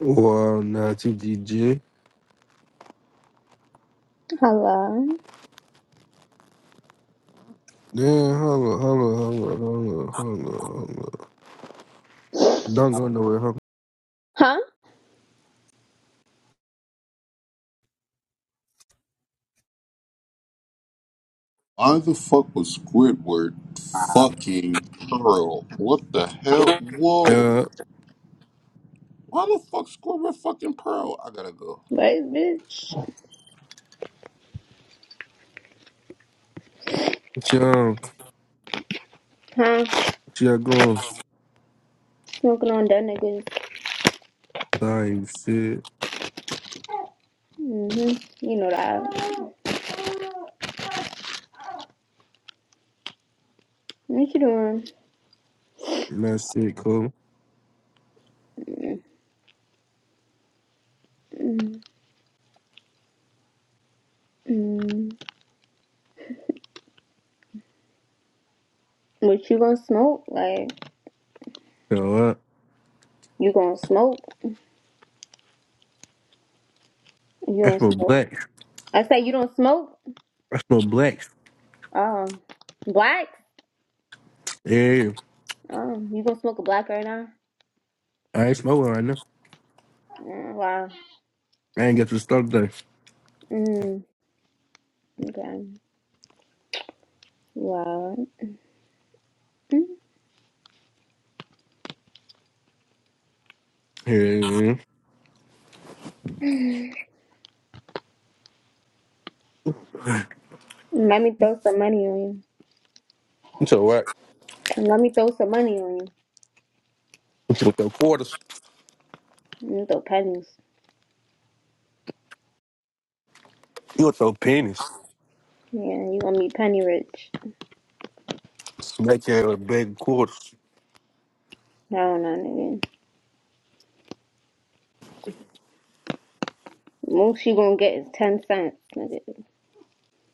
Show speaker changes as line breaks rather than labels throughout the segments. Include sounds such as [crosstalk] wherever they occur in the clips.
Wow, Natty DJ.
Hello.
Yeah, hold up, hold up, hold up, hold up, hold up, hold up. Don't go nowhere, hold up.
Huh?
Why the fuck was Squidward fucking Pearl? What the hell? Whoa.
Yeah,
Why the fuck Squidward fucking Pearl? I gotta go.
Wait, bitch.
jump,
Huh?
yeah, go
Smoking on that niggas.
Same shit.
Mm-hmm. You know that. What you doing?
And That's it, cool.
mm Mm. What you gonna smoke? Like,
You know what?
you gonna smoke? You
I
don't
smell
smoke.
black.
I say you don't smoke?
I smell black.
Um, black?
Yeah,
Um, you gonna smoke a black right now?
I ain't smoking right now.
Mm, wow.
I ain't got to start today.
Mm, okay. Wow. Mm.
Yeah,
Let me throw some money on you.
you so what?
Let me throw some money on you.
You with your quarters?
Let me throw pennies.
You with your pennies?
Yeah, you gonna be penny rich.
Smack your big quarters.
I don't know, nigga. Most you gonna get is ten cents, nigga.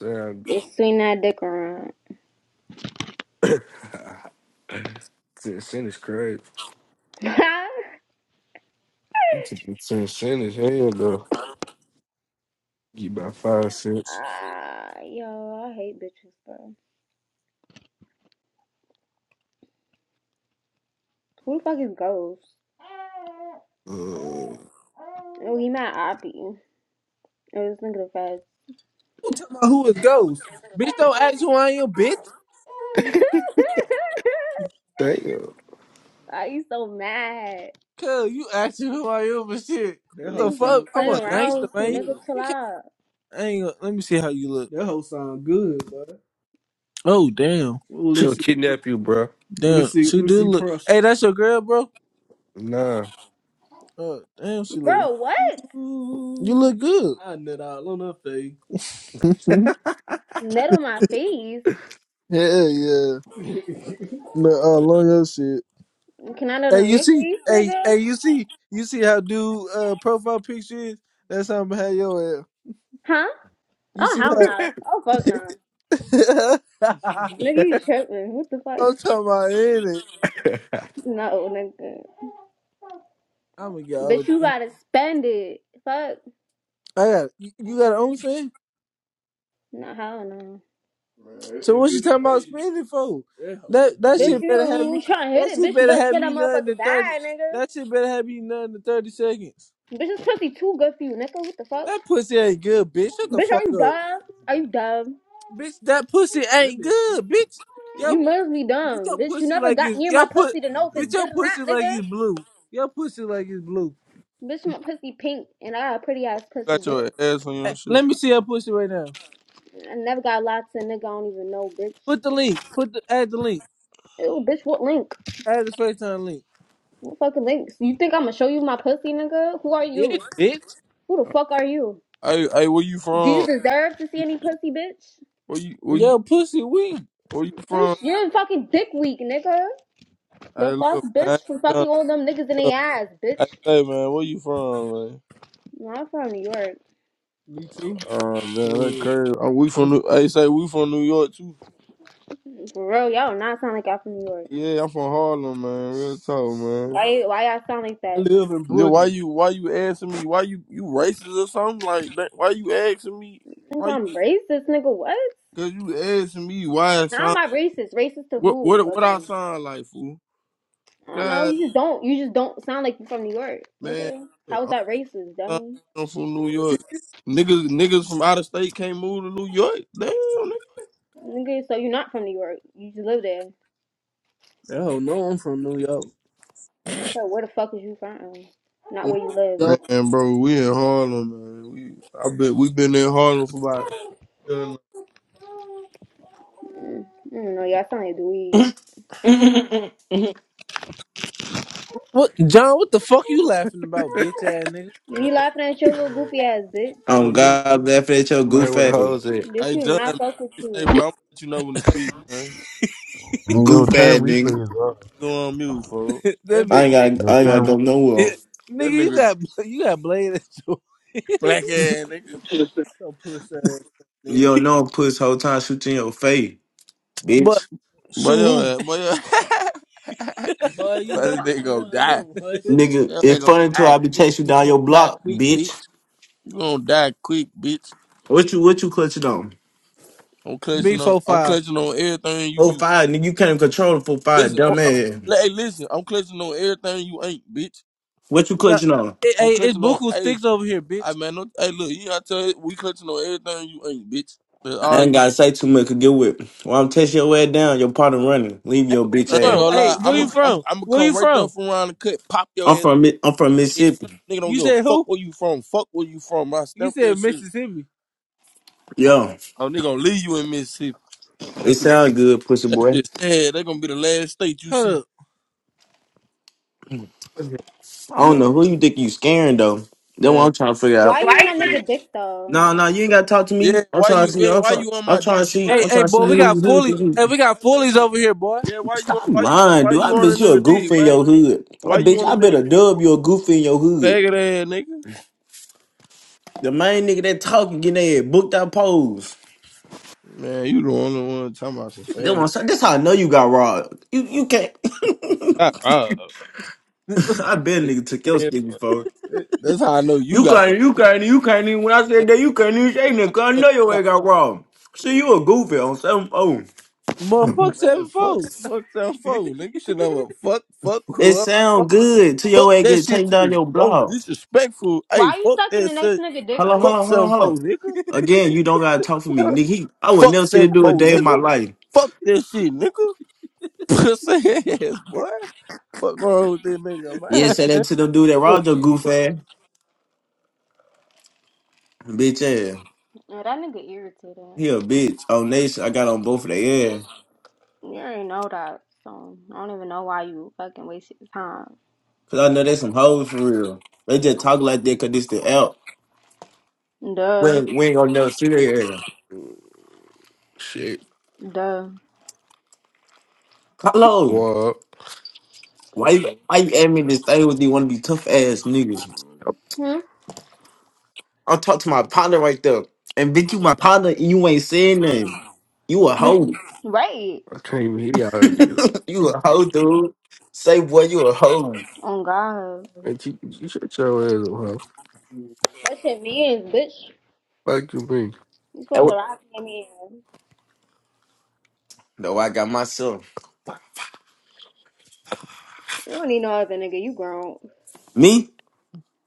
Damn.
Just swing that dick around.
[coughs] Ten cent is crazy.
[laughs]
You took the ten cent is hell though. You about five cents.
Ah, yo, I hate bitches, bro. Who the fuck is Ghost?
Uh,
Oh, he mad oppie. Oh, this nigga the fast.
Talking about who is Ghost. Bitch, don't ask who I am, bitch.
damn.
[laughs] Why you so mad?
Cause you asking who I am and shit. That What whole the
Niggas
fuck?
just
sound I'm that a
playing
whole
around
gangster,
with you.
sound man.
Nigga,
good.
chill
You can't.
out.
I ain't gonna, let me see how you look. That whole sound good, bro. Oh damn, Ooh, let me
She'll
see. Let me
kidnap you, bro.
damn. see. She Let me do see look. Prush. Hey, Prussia. that's your girl, bro.
Nah.
Oh damn, she look.
Bro, what?
You Ooh, look good. [laughs] I nut all on her face. [laughs]
Net on my face?
Hell yeah. [laughs] Ooh, Look all on your shit.
Can I nut
Hey,
on
you
your
see,
face,
hey,
nigga?
hey, you see, you see how dude uh profile picture is? That's how I'm gonna have your ass.
Huh?
You
Oh,
see
hell
how
no. Oh, fuck no. Nah.
[laughs] I'm
Nigga, you tripping. What the fuck?
talking about in it.
No, nigga.
I'm gonna get all up
Bitch, you
in it.
gotta spend it. Fuck.
I got you, you got an own fan?
No, hell no.
So what you talking about spending for? That that
Bitch,
shit better have
you
me
trying to hit
that
it,
shit
bitch, you
better
better
have
spend that
me nothing
motherfucker
in thirty
bag, nigga.
that shit better have me nothing in thirty seconds.
Bitch, this pussy too good for you, nigga. What the fuck?
That pussy ain't good, bitch. Shut the
Bitch, are
fuck
you
up. [laughs]
dumb? Are you dumb?
Bitch, that pussy ain't good, bitch. Yo.
You must be
Put
dumb.
your
Bitch, you
pussy
never
like
got
it's
near my
your put
pussy to know if it's
Put
good
your
or
pussy
not,
like
nigga.
it's blue. Your pussy like it's blue.
Bitch, my pussy pink, and I got a pretty ass pussy,
Got
bitch.
your ass on your Hey, shit. Let me see your pussy right now.
I never got lots of nigga I don't even know, bitch.
Put the link. Put the add the link.
Ew, bitch, what link?
Add the FaceTime link.
What fucking links? You think I'ma show you my pussy, nigga? Who are
Yeah,
you?
bitch.
Who the fuck are you?
Hey, hey, where you
Do you
from?
deserve to see any pussy, bitch?
Where you, where you, Your pussy weak. where you
You
from?
sh- You're fucking dick weak, nigga.
Hey,
The fuck,
look, man, I
bitch,
ain't
for
trying
fucking all them niggas in
to
their ass, bitch.
Hey, say, man, where you from, man?
Y'all from New York,
Me too. Oh, man, that's Yeah. crazy. Oh, we from, New- hey, say, we from New York, too.
for real. Y'all not sound like y'all from New York.
Yeah, I'm from Harlem, man. Real talk, man.
Why? Why y'all sound like
I
that?
live in Then why Brooklyn. you why you asking me why you you racist or something like that? Why you asking me
Think
why? You,
I'm racist, nigga? What?
Cause you asking me why I
How am
sound
I racist? Racist to
what
who?
what what I
Again?
sound like fool?
I don't know.
God
You just don't. You just don't sound like you from New York,
man,
nigga.
I'm
How is that racist,
not-
dummy?
I'm from New York. Niggas niggas from out of state can't move to New York. Damn nigga.
Nigga, so you're not from New York. You just live there.
Hell no, I'm from New York.
That's like, where the fuck is you from? Not
Yo,
where you live.
man, bro, we in Harlem, man. We I bet we've been in Harlem for about Man,
Mm, I Y'all sound like dweebs.
Um,
what, John? What the fuck you laughing about, bitch ass nigga? man.
You
That
laughing at your little goofy ass bitch.
don't need.
God laughing at your
Might
goof
with the
ass,
hoes at.
Bitch,
Hey,
you
John,
not fuck with
hey,
you.
bro, I'm gonna let you know when to speak, [laughs] man.
Your
goof
turn
ass nigga.
replay is up.
Go on mute, fool. [laughs] that That
I
bit, nigga,
ain't got,
Your
I ain't got
crazy.
to
turn
go
[laughs]
nowhere.
Nigga, that you nigga got you got blade at your. black [laughs] ass nigga. So pussy ass
You
nigga.
don't know, a puss whole time shooting your face,
but
bitch.
Boy, your shoot, ass, boy, your [laughs] boy, you boy, know this nigga gonna [laughs] die. I'm Boy,
Nigga,
your ass
it's
gonna
funny until
die
I be
quick.
chasing you
You
down
gonna
your
die
block,
quick, bitch.
bitch.
You gonna die quick, bitch.
What you, what you clutching on?
I'm B clutching on. four I'm five. clutching on everything. You,
Four
you
five, nigga. You can't control the four five,
listen. I'm,
dumb
I'm,
ass.
hey, listen. I'm clutching on everything you ain't, bitch.
What you
We got
clutching on?
hey, We hey, it's to know. Buku Hey, sticks over here, I bitch. man, no, hey, look, you gotta tell we clear on everything you ain't, bitch. That's
I
all
ain't
you.
gotta say too much. Cause get with. While I'm chasing your ass down, your partner running. Leave
Hey,
your
where you
bitch
I ain't from?
ass.
gonna Hey, lie. where I'm you from? I'm gonna Where come you right there from? from around the cut, pop your
I'm
ass.
from, Mi- I'm from
motherfucking head.
Mississippi.
Nigga don't You give a said fuck who? where you from. Fuck where you from. I You stamp said shit. Mississippi.
Yo,
Oh, nigga gonna leave you in Mississippi.
it
That's the
sounds good, pussy
that
boy.
shit sad. They gonna be the last state you Hold see. up.
I don't
Hey,
know who you think you scaring though.
You
That's what
man.
I'm trying to figure out.
Why
Why
you in
you
that
yeah.
nigga dick though?
wanna- No, no, you ain't gotta talk to
Yeah,
me. I'm
why
trying to
you?
see.
Yeah,
I'm
why
trying.
you on
I'm
my
trying to
dick,
see.
Hey,
I'm
son? hey,
trying to see
boy, we That's what I'm
who
got
who
saying.
is
fully.
the
Look, Hey,
goofy.
we got fullies over here, boy. yeah, why you?
Stop
Why you?
lying,
Why
dude. I
you on a
bet you a
nigga
goof
dick,
in
man?
your hood. I
Why you
bet
on
I
a nigga
bet a
dick,
dub
boy?
you a goof in your hood.
Faggot ass nigga.
The main nigga that talking getting their head booked out pose.
Man, you the only one talking about some
That
faggot.
one. That's how I know you got robbed. You you can't.
Got robbed.
[laughs] I bet a nigga took your
Yeah,
stick before.
fuck. that's how I know you
You
got
can't.
robbed.
You can't. You can't even. When I said
That's
that, you can't even say nothing. 'cause I
how you
know your way
got
got robbed. See, you a goofy on some.
Boy, fuck Man, seven fuck, four. fuck seven four. nigga. You should never fuck, fuck
It
whoever.
sound good till
Fuck
your ass
that
get
shit
taken
to
down
the
your
most
blog.
disrespectful. Hey,
Why you
fuck
stuck in the
that
next
shit.
nigga dick,
Hello,
bitch?
Fuck
hello, hello,
seven
hello.
four, nigga.
Again, you don't gotta talk for me, nigga. He, I would
Fuck
never see to
seven
do a
four,
day of my
nigga.
life.
Fuck this shit, nigga. [laughs] Pussy ass, boy. Fuck wrong with this nigga, man?
You didn't say that to them dude that robbed your goof ass, bitch ass.
Yeah, that nigga irritated.
He a bitch. On nation, I got on both of their ass.
You already know that, so I don't even know why you fucking wasted your time.
Cause I know they some hoes for real. They just talk like that cause this the out. We,
Duh.
ain't- we ain't gonna never see their ass.
Shit.
Duh.
Hello.
What?
Why you, why you add me in this thing with these wanna be tough ass niggas?
I
Hmm?
I'm talking to my partner right there. And bitch, you my partner and you ain't saying nothing. You a
[laughs]
hoe.
Right.
can't even hit y'all niggas.
[laughs] you a hoe, dude. Say boy, you a hoe.
Oh God.
And you, you shut your ass up, hoe.
That's your means, bitch.
Fuck you mean.
You
That
supposed to
what-
rock your man.
No, I got myself.
You don't need no other nigga. You grown.
Me?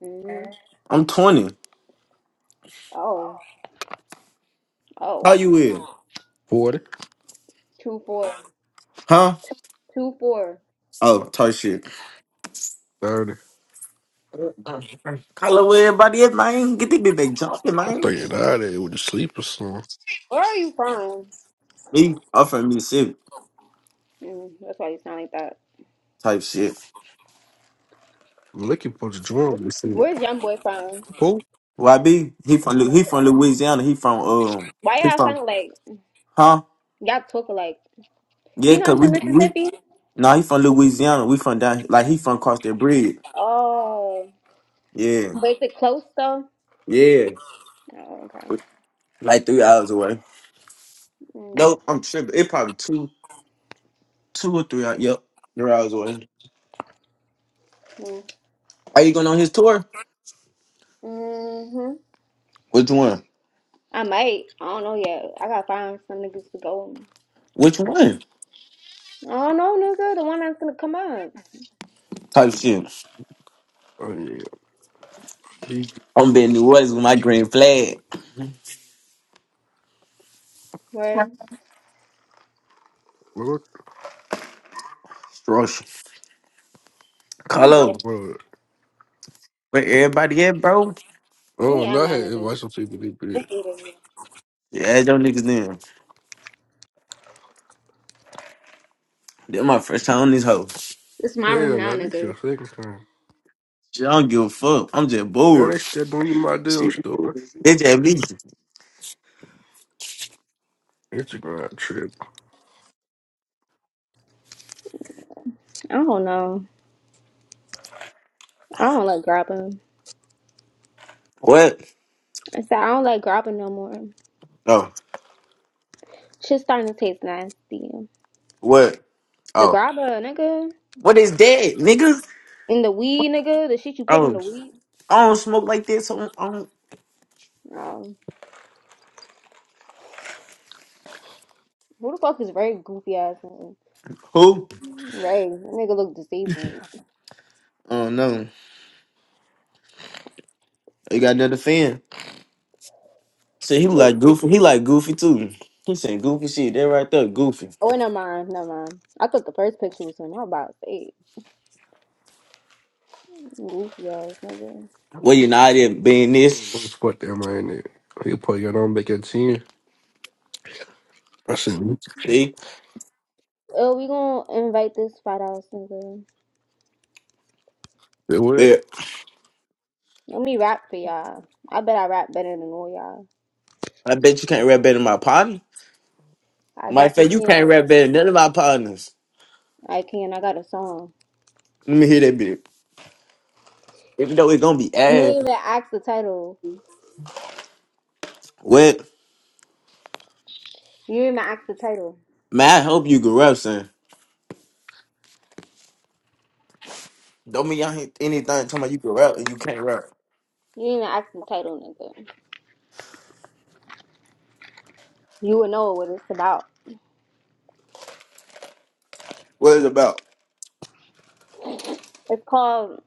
hmm
I'm 20.
Oh.
How
Oh.
you is?
40?
Two four.
Huh?
Two four.
Oh, type shit.
30. I
Hello where everybody is, man. Get this bitch back jumping, man.
think that is with the sleeper song.
Where are you from?
Me, I'm from Mississippi.
Mm, that's why you sound like that.
Type shit.
I'm looking for the drum machine.
Where's young boy from?
Who?
YB, he from Lu- he from Louisiana. He from um
Why
he
y'all
from
sound like
huh?
y'all talk like?
Yeah,
He
cause
not
we
from
we
Mississippi.
nah he from Louisiana. We from down like he from across the bridge.
Oh,
Yeah,
but is it close though?
yeah,
Oh, okay.
like three hours away.
Mm-hmm.
No, I'm tripping. It probably two, two or three. Hours. Yep, three hours away. Are you going on his tour?
hmm
Which one?
I might. I don't know yet. I gotta find some niggas to go. with me.
Which one?
I don't know, nigga. The one that's gonna come up.
Type shit.
Oh yeah. Be
I'm being New Orleans with my green flag.
Where
what
Strush.
young boy?
Carlo,
what
where everybody at, bro?
Let
Oh
me
and
add
I
my
had
niggas.
advice on some people to be it.
It's
Yeah, add niggas in. This my first time on this hoe.
my room
Hell
now,
no, this your
nigga.
second time.
Shit, I don't give a fuck. I'm just
Yeah,
bored.
they still doing my damn
Shit.
story.
It's just me.
Instagram trip.
I don't know. I don't like grabbing.
What?
I said I don't like grabbing no more.
Oh,
Shit's starting to taste nasty.
what?
The
Oh,
grabba, nigga,
what is that, niggas?
and the weed, nigga, the shit you put in
Oh,
the weed.
I don't smoke like this. So I don't.
Um, who the fuck is Ray? Goofy ass nigga.
Who?
Ray, that nigga look disabled.
Oh no. You got another fan. See, he
He look
like goofy.
goofy.
He like goofy too. He saying goofy shit. That right there, goofy.
Oh, wait, never mind, never mind. I thought the first picture was him. I'm about to say it. goofy ass nigga.
Well, you know I did being
What the
this.
fuck am I in it? You put your on back at 10. I said,
See,
Oh, we gonna invite this fat ass nigga.
they went.
but
Let me rap for y'all. I bet I rap better than all y'all.
I bet you can't rap better than my partner.
I
My fact, you
definitely
can't
can.
rap better than none of my partners.
I can. I got a song.
Let me hear that bit. Even though it's gonna be
You
ass.
ain't even ask the title.
What?
You ain't even ask the title.
Man, I hope you can rap, son. Don't mean y'all hear anything talking about you can rap and you can't rap.
You didn't even ask the title, nigga. You would know what it's about.
What is it about?
It's called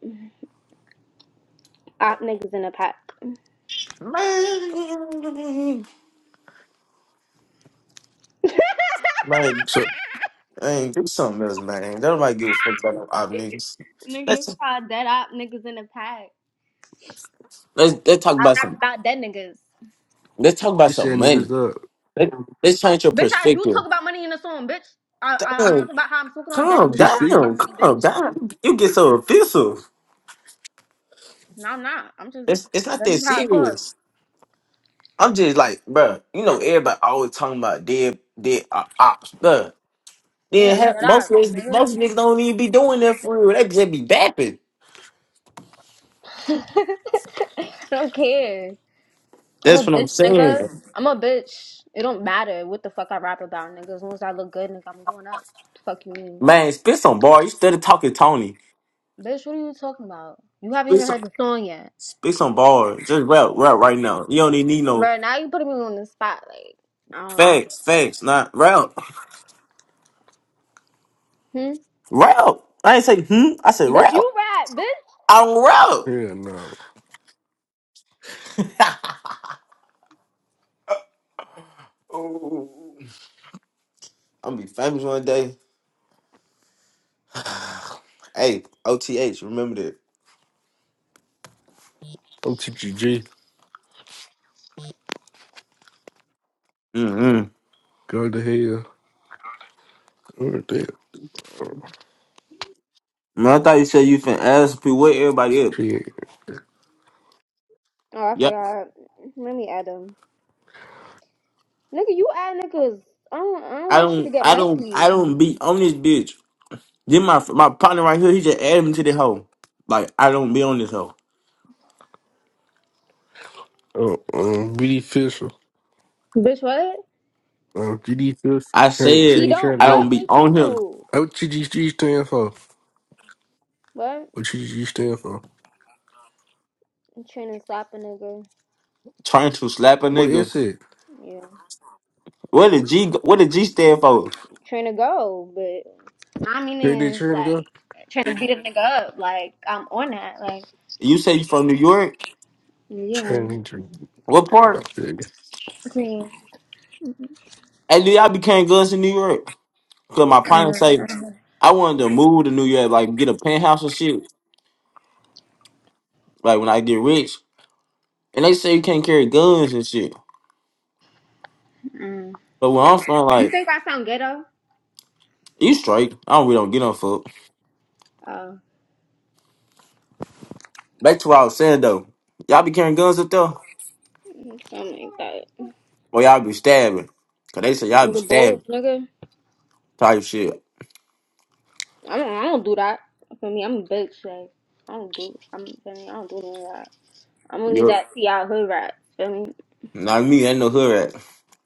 Op Niggas in a Pack.
Man,
[laughs]
man,
So
Hey, do something else, man. Don't nobody give a fuck about no op niggas.
Nigga, it's
Let's
called Dead Op Niggas in a Pack.
let's let's talk
I
about
rap
some
about dead niggas.
let's talk about
she said
some money.
niggas up.
Let, let's change your
Bitch, I do
perspective.
talk about money in the song, bitch. I, I, I'm
Damn,
talking about how I'm talking on dead
calm
niggas
She
and how I
speak?
get
down,
money, bitch.
calm down. You get so offensive.
No, I'm not. I'm just,
It's it's not
this
that
is how I talk.
serious. I'm just like, bruh, You know, everybody always talking about dead dead uh, ops, bruh. Then
Yeah,
half,
dead
most
op,
of these-
nigga.
most niggas don't even be doing that for real. They just be bapping.
I don't care. I'm a
That's what I'm
bitch,
saying.
nigga. I'm a bitch. It don't matter what the fuck I rap about, nigga. As long as I look good, nigga, I'm going up. The fuck you mean?
Man, spit some bar. You started talking Tony.
Bitch, what are you talking about? You haven't even heard the song yet.
Speak some bars. Just rap, rap right now. You don't even need no
Bro, now you putting me on the spot. Like, I don't like it.
facts, facts, not rap.
Hmm?
Rap. I ain't say hmm. I said
Bitch,
rap.
you rap, bitch!
I'm rap.
Yeah, no.
[laughs] Oh. I'm gonna be famous one day. Hey, OTH, remember that.
I'm TGG.
Mm-hmm.
Go to hell. What the hell?
Man, I thought you said you finna ask people where everybody up.
She,
Oh, I
Yep.
forgot. Let me add them. Nigga, you add niggas. I don't, I don't
I
want you to
don't,
get
I don't, I
messy.
don't be on this bitch. Then my my partner right here, he just added me to the hoe. Like I don't be on this hoe.
oh, um, BD Fisher.
Bitch, what?
Um, GD Fisher.
I
Trying,
He
said
trying,
don't
trying
I
to go.
fuck
don't be
with
on him
you.
Oh, What TGG stand for?
What?
What TGG stand for?
trying to slap a nigga.
trying to slap a
What
nigga.
is it?
Yeah.
What did G? What did G stand for?
Trying to go, but. I mean,
Trinity to
it's
trying to go?
like, trying to beat a nigga up. Like, I'm on that. Like,
You say you from New York?
yeah.
Trinity Trinity.
What part?
Okay.
And do y'all became guns in New York? Cause my partner say
Uh, uh,
I wanted to move to New York, like get a penthouse and shit. Like when I get rich, and they say you can't carry guns and shit.
uh.
But where I'm from,
You
like
think I sound ghetto?
you straight. I don't really don't get on fuck.
Oh,
Back to what I was saying though. Y'all be carrying guns up there,
something like that.
or y'all be stabbing? Cause they say y'all be
Nigga, bold,
stabbing
nigga.
type shit.
I don't, I don't do that. For me, I'm a bitch. Like, I don't do. I'm Feel me, I don't do none of that. I'm gonna leave
Yep.
that to y'all hood rats. Feel me,
Not me. Ain't no hood rat.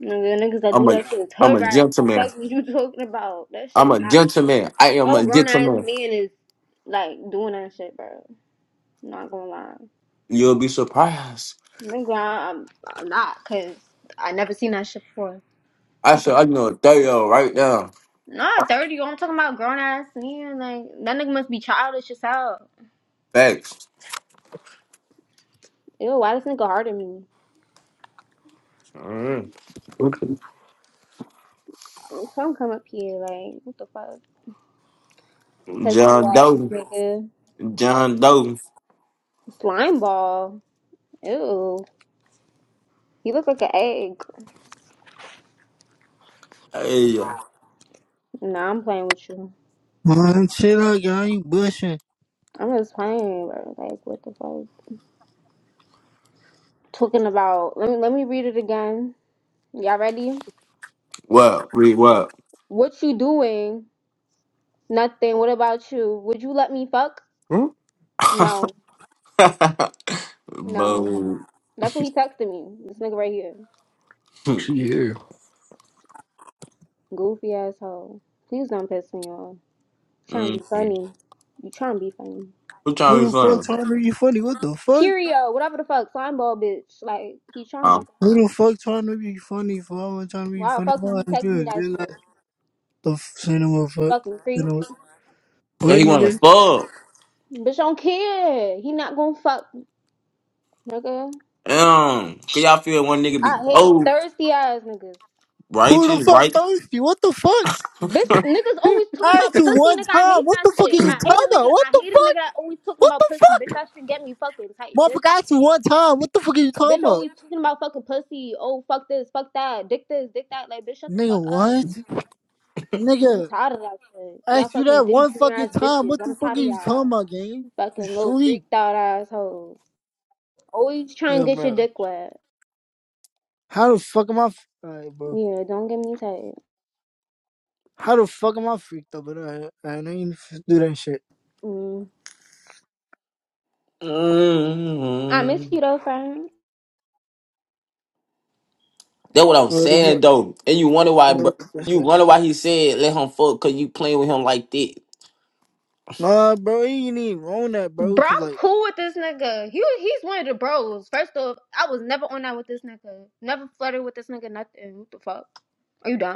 nigga, niggas that do
I'm a
that shit is
I'm
hood
a
rats.
gentleman.
Fuck what you [laughs] talking about? That shit
I'm
is
a
not cute.
gentleman. I am
No
a
grown ass
gentleman.
man is like doing that shit, bro. Not gonna lie,
You'll be surprised.
nigga, I'm, I'm not, cause I never seen that shit before.
I
What the?
said, I know a 30 year old right now.
Not 30. I'm talking about grown ass man. Like, that nigga must be childish as hell.
Facts.
Ew, why this nigga hard at me?
Mm.
What the?
Come come up here. Like, what the fuck? Pesky
John
ass
Doe.
nigga.
John Doe.
Slime ball. Ew. You look like an egg.
Hey, yeah.
Nah, I'm playing with you.
Man, chill out, y'all. You bushing.
I'm just playing, bro. Like, what the fuck? Talking about. Let me, let me read it again. Y'all ready?
What? Read what?
What you doing? Nothing. What about you? Would you let me fuck?
Huh?
[laughs]
No. No.
Boo.
That's what he texted me. This nigga right here.
She is.
Goofy asshole. Please don't piss me off. Trying to be
Mm-hmm.
funny. You trying to be funny.
Who
Who
trying to be
the fuck
funny?
trying to be funny? What the fuck?
Curio, whatever the fuck, slime ball bitch. Like he trying to be
Um,
funny.
Who the fuck trying to be funny for? I wasn't trying to be
Why the
funny
fuck
for. I
you
was just
text me that
you know,
shit?
the f- cinema fuck.
Fucking
You
creep.
know,
cause
what
he want to
nigga?
fuck.
Bitch don't care. He not gonna fuck, nigga.
Um, cause y'all feel one nigga be
I hate
bold,
thirsty ass niggas.
Who
righteous,
the fuck
right?
thirsty? What the fuck?
Bitch,
[laughs]
niggas always talking
I asked
about
you
pussy,
one
nigga. I
time.
hate
What
that
the fuck
shit.
is you
I
talking
hate a nigga.
about? What
I
the
hate a nigga
fuck?
that always talking
What the
about pussy,
fuck?
bitch. That shit get me fucking tight,
Motherfucker,
bitch.
I asked you one time. What the fuck is you
Bitch
talking about?
always talking about fucking pussy. Oh, fuck this, fuck that, dick this, dick that. Like, bitch, shut the
Nigga,
fuck up.
what?
I'm
Nigga,
tired of that shit.
I
Y'all
asked you
fucking
that
Diddy
one
Junior ass
fucking time.
bitches.
What
I'm
the fuck are
tired of
you
y'all.
talking about, gang? You
Fucking little
sleep.
freaked out assholes. Always trying to
Yeah,
get your
bro.
dick wet.
How the fuck am I? F- All right, bro.
Yeah, don't get me tight.
How the fuck am I freaked up with that? I ain't even do that shit.
Mm. I miss
mm
you though, friend.
That's what I'm
Bro, it's
saying
not-
though. And you wonder why bro,
like [laughs]
you wonder why he said let him fuck cause you playing with him like that.
Nah, bro, you ain't even wrong that, bro.
Bro,
Cause
I'm
like,
cool with this nigga. He he's one of the bros. First off, I was never on that with this nigga. Never flirted with this nigga. Nothing. What the fuck? Are you dumb?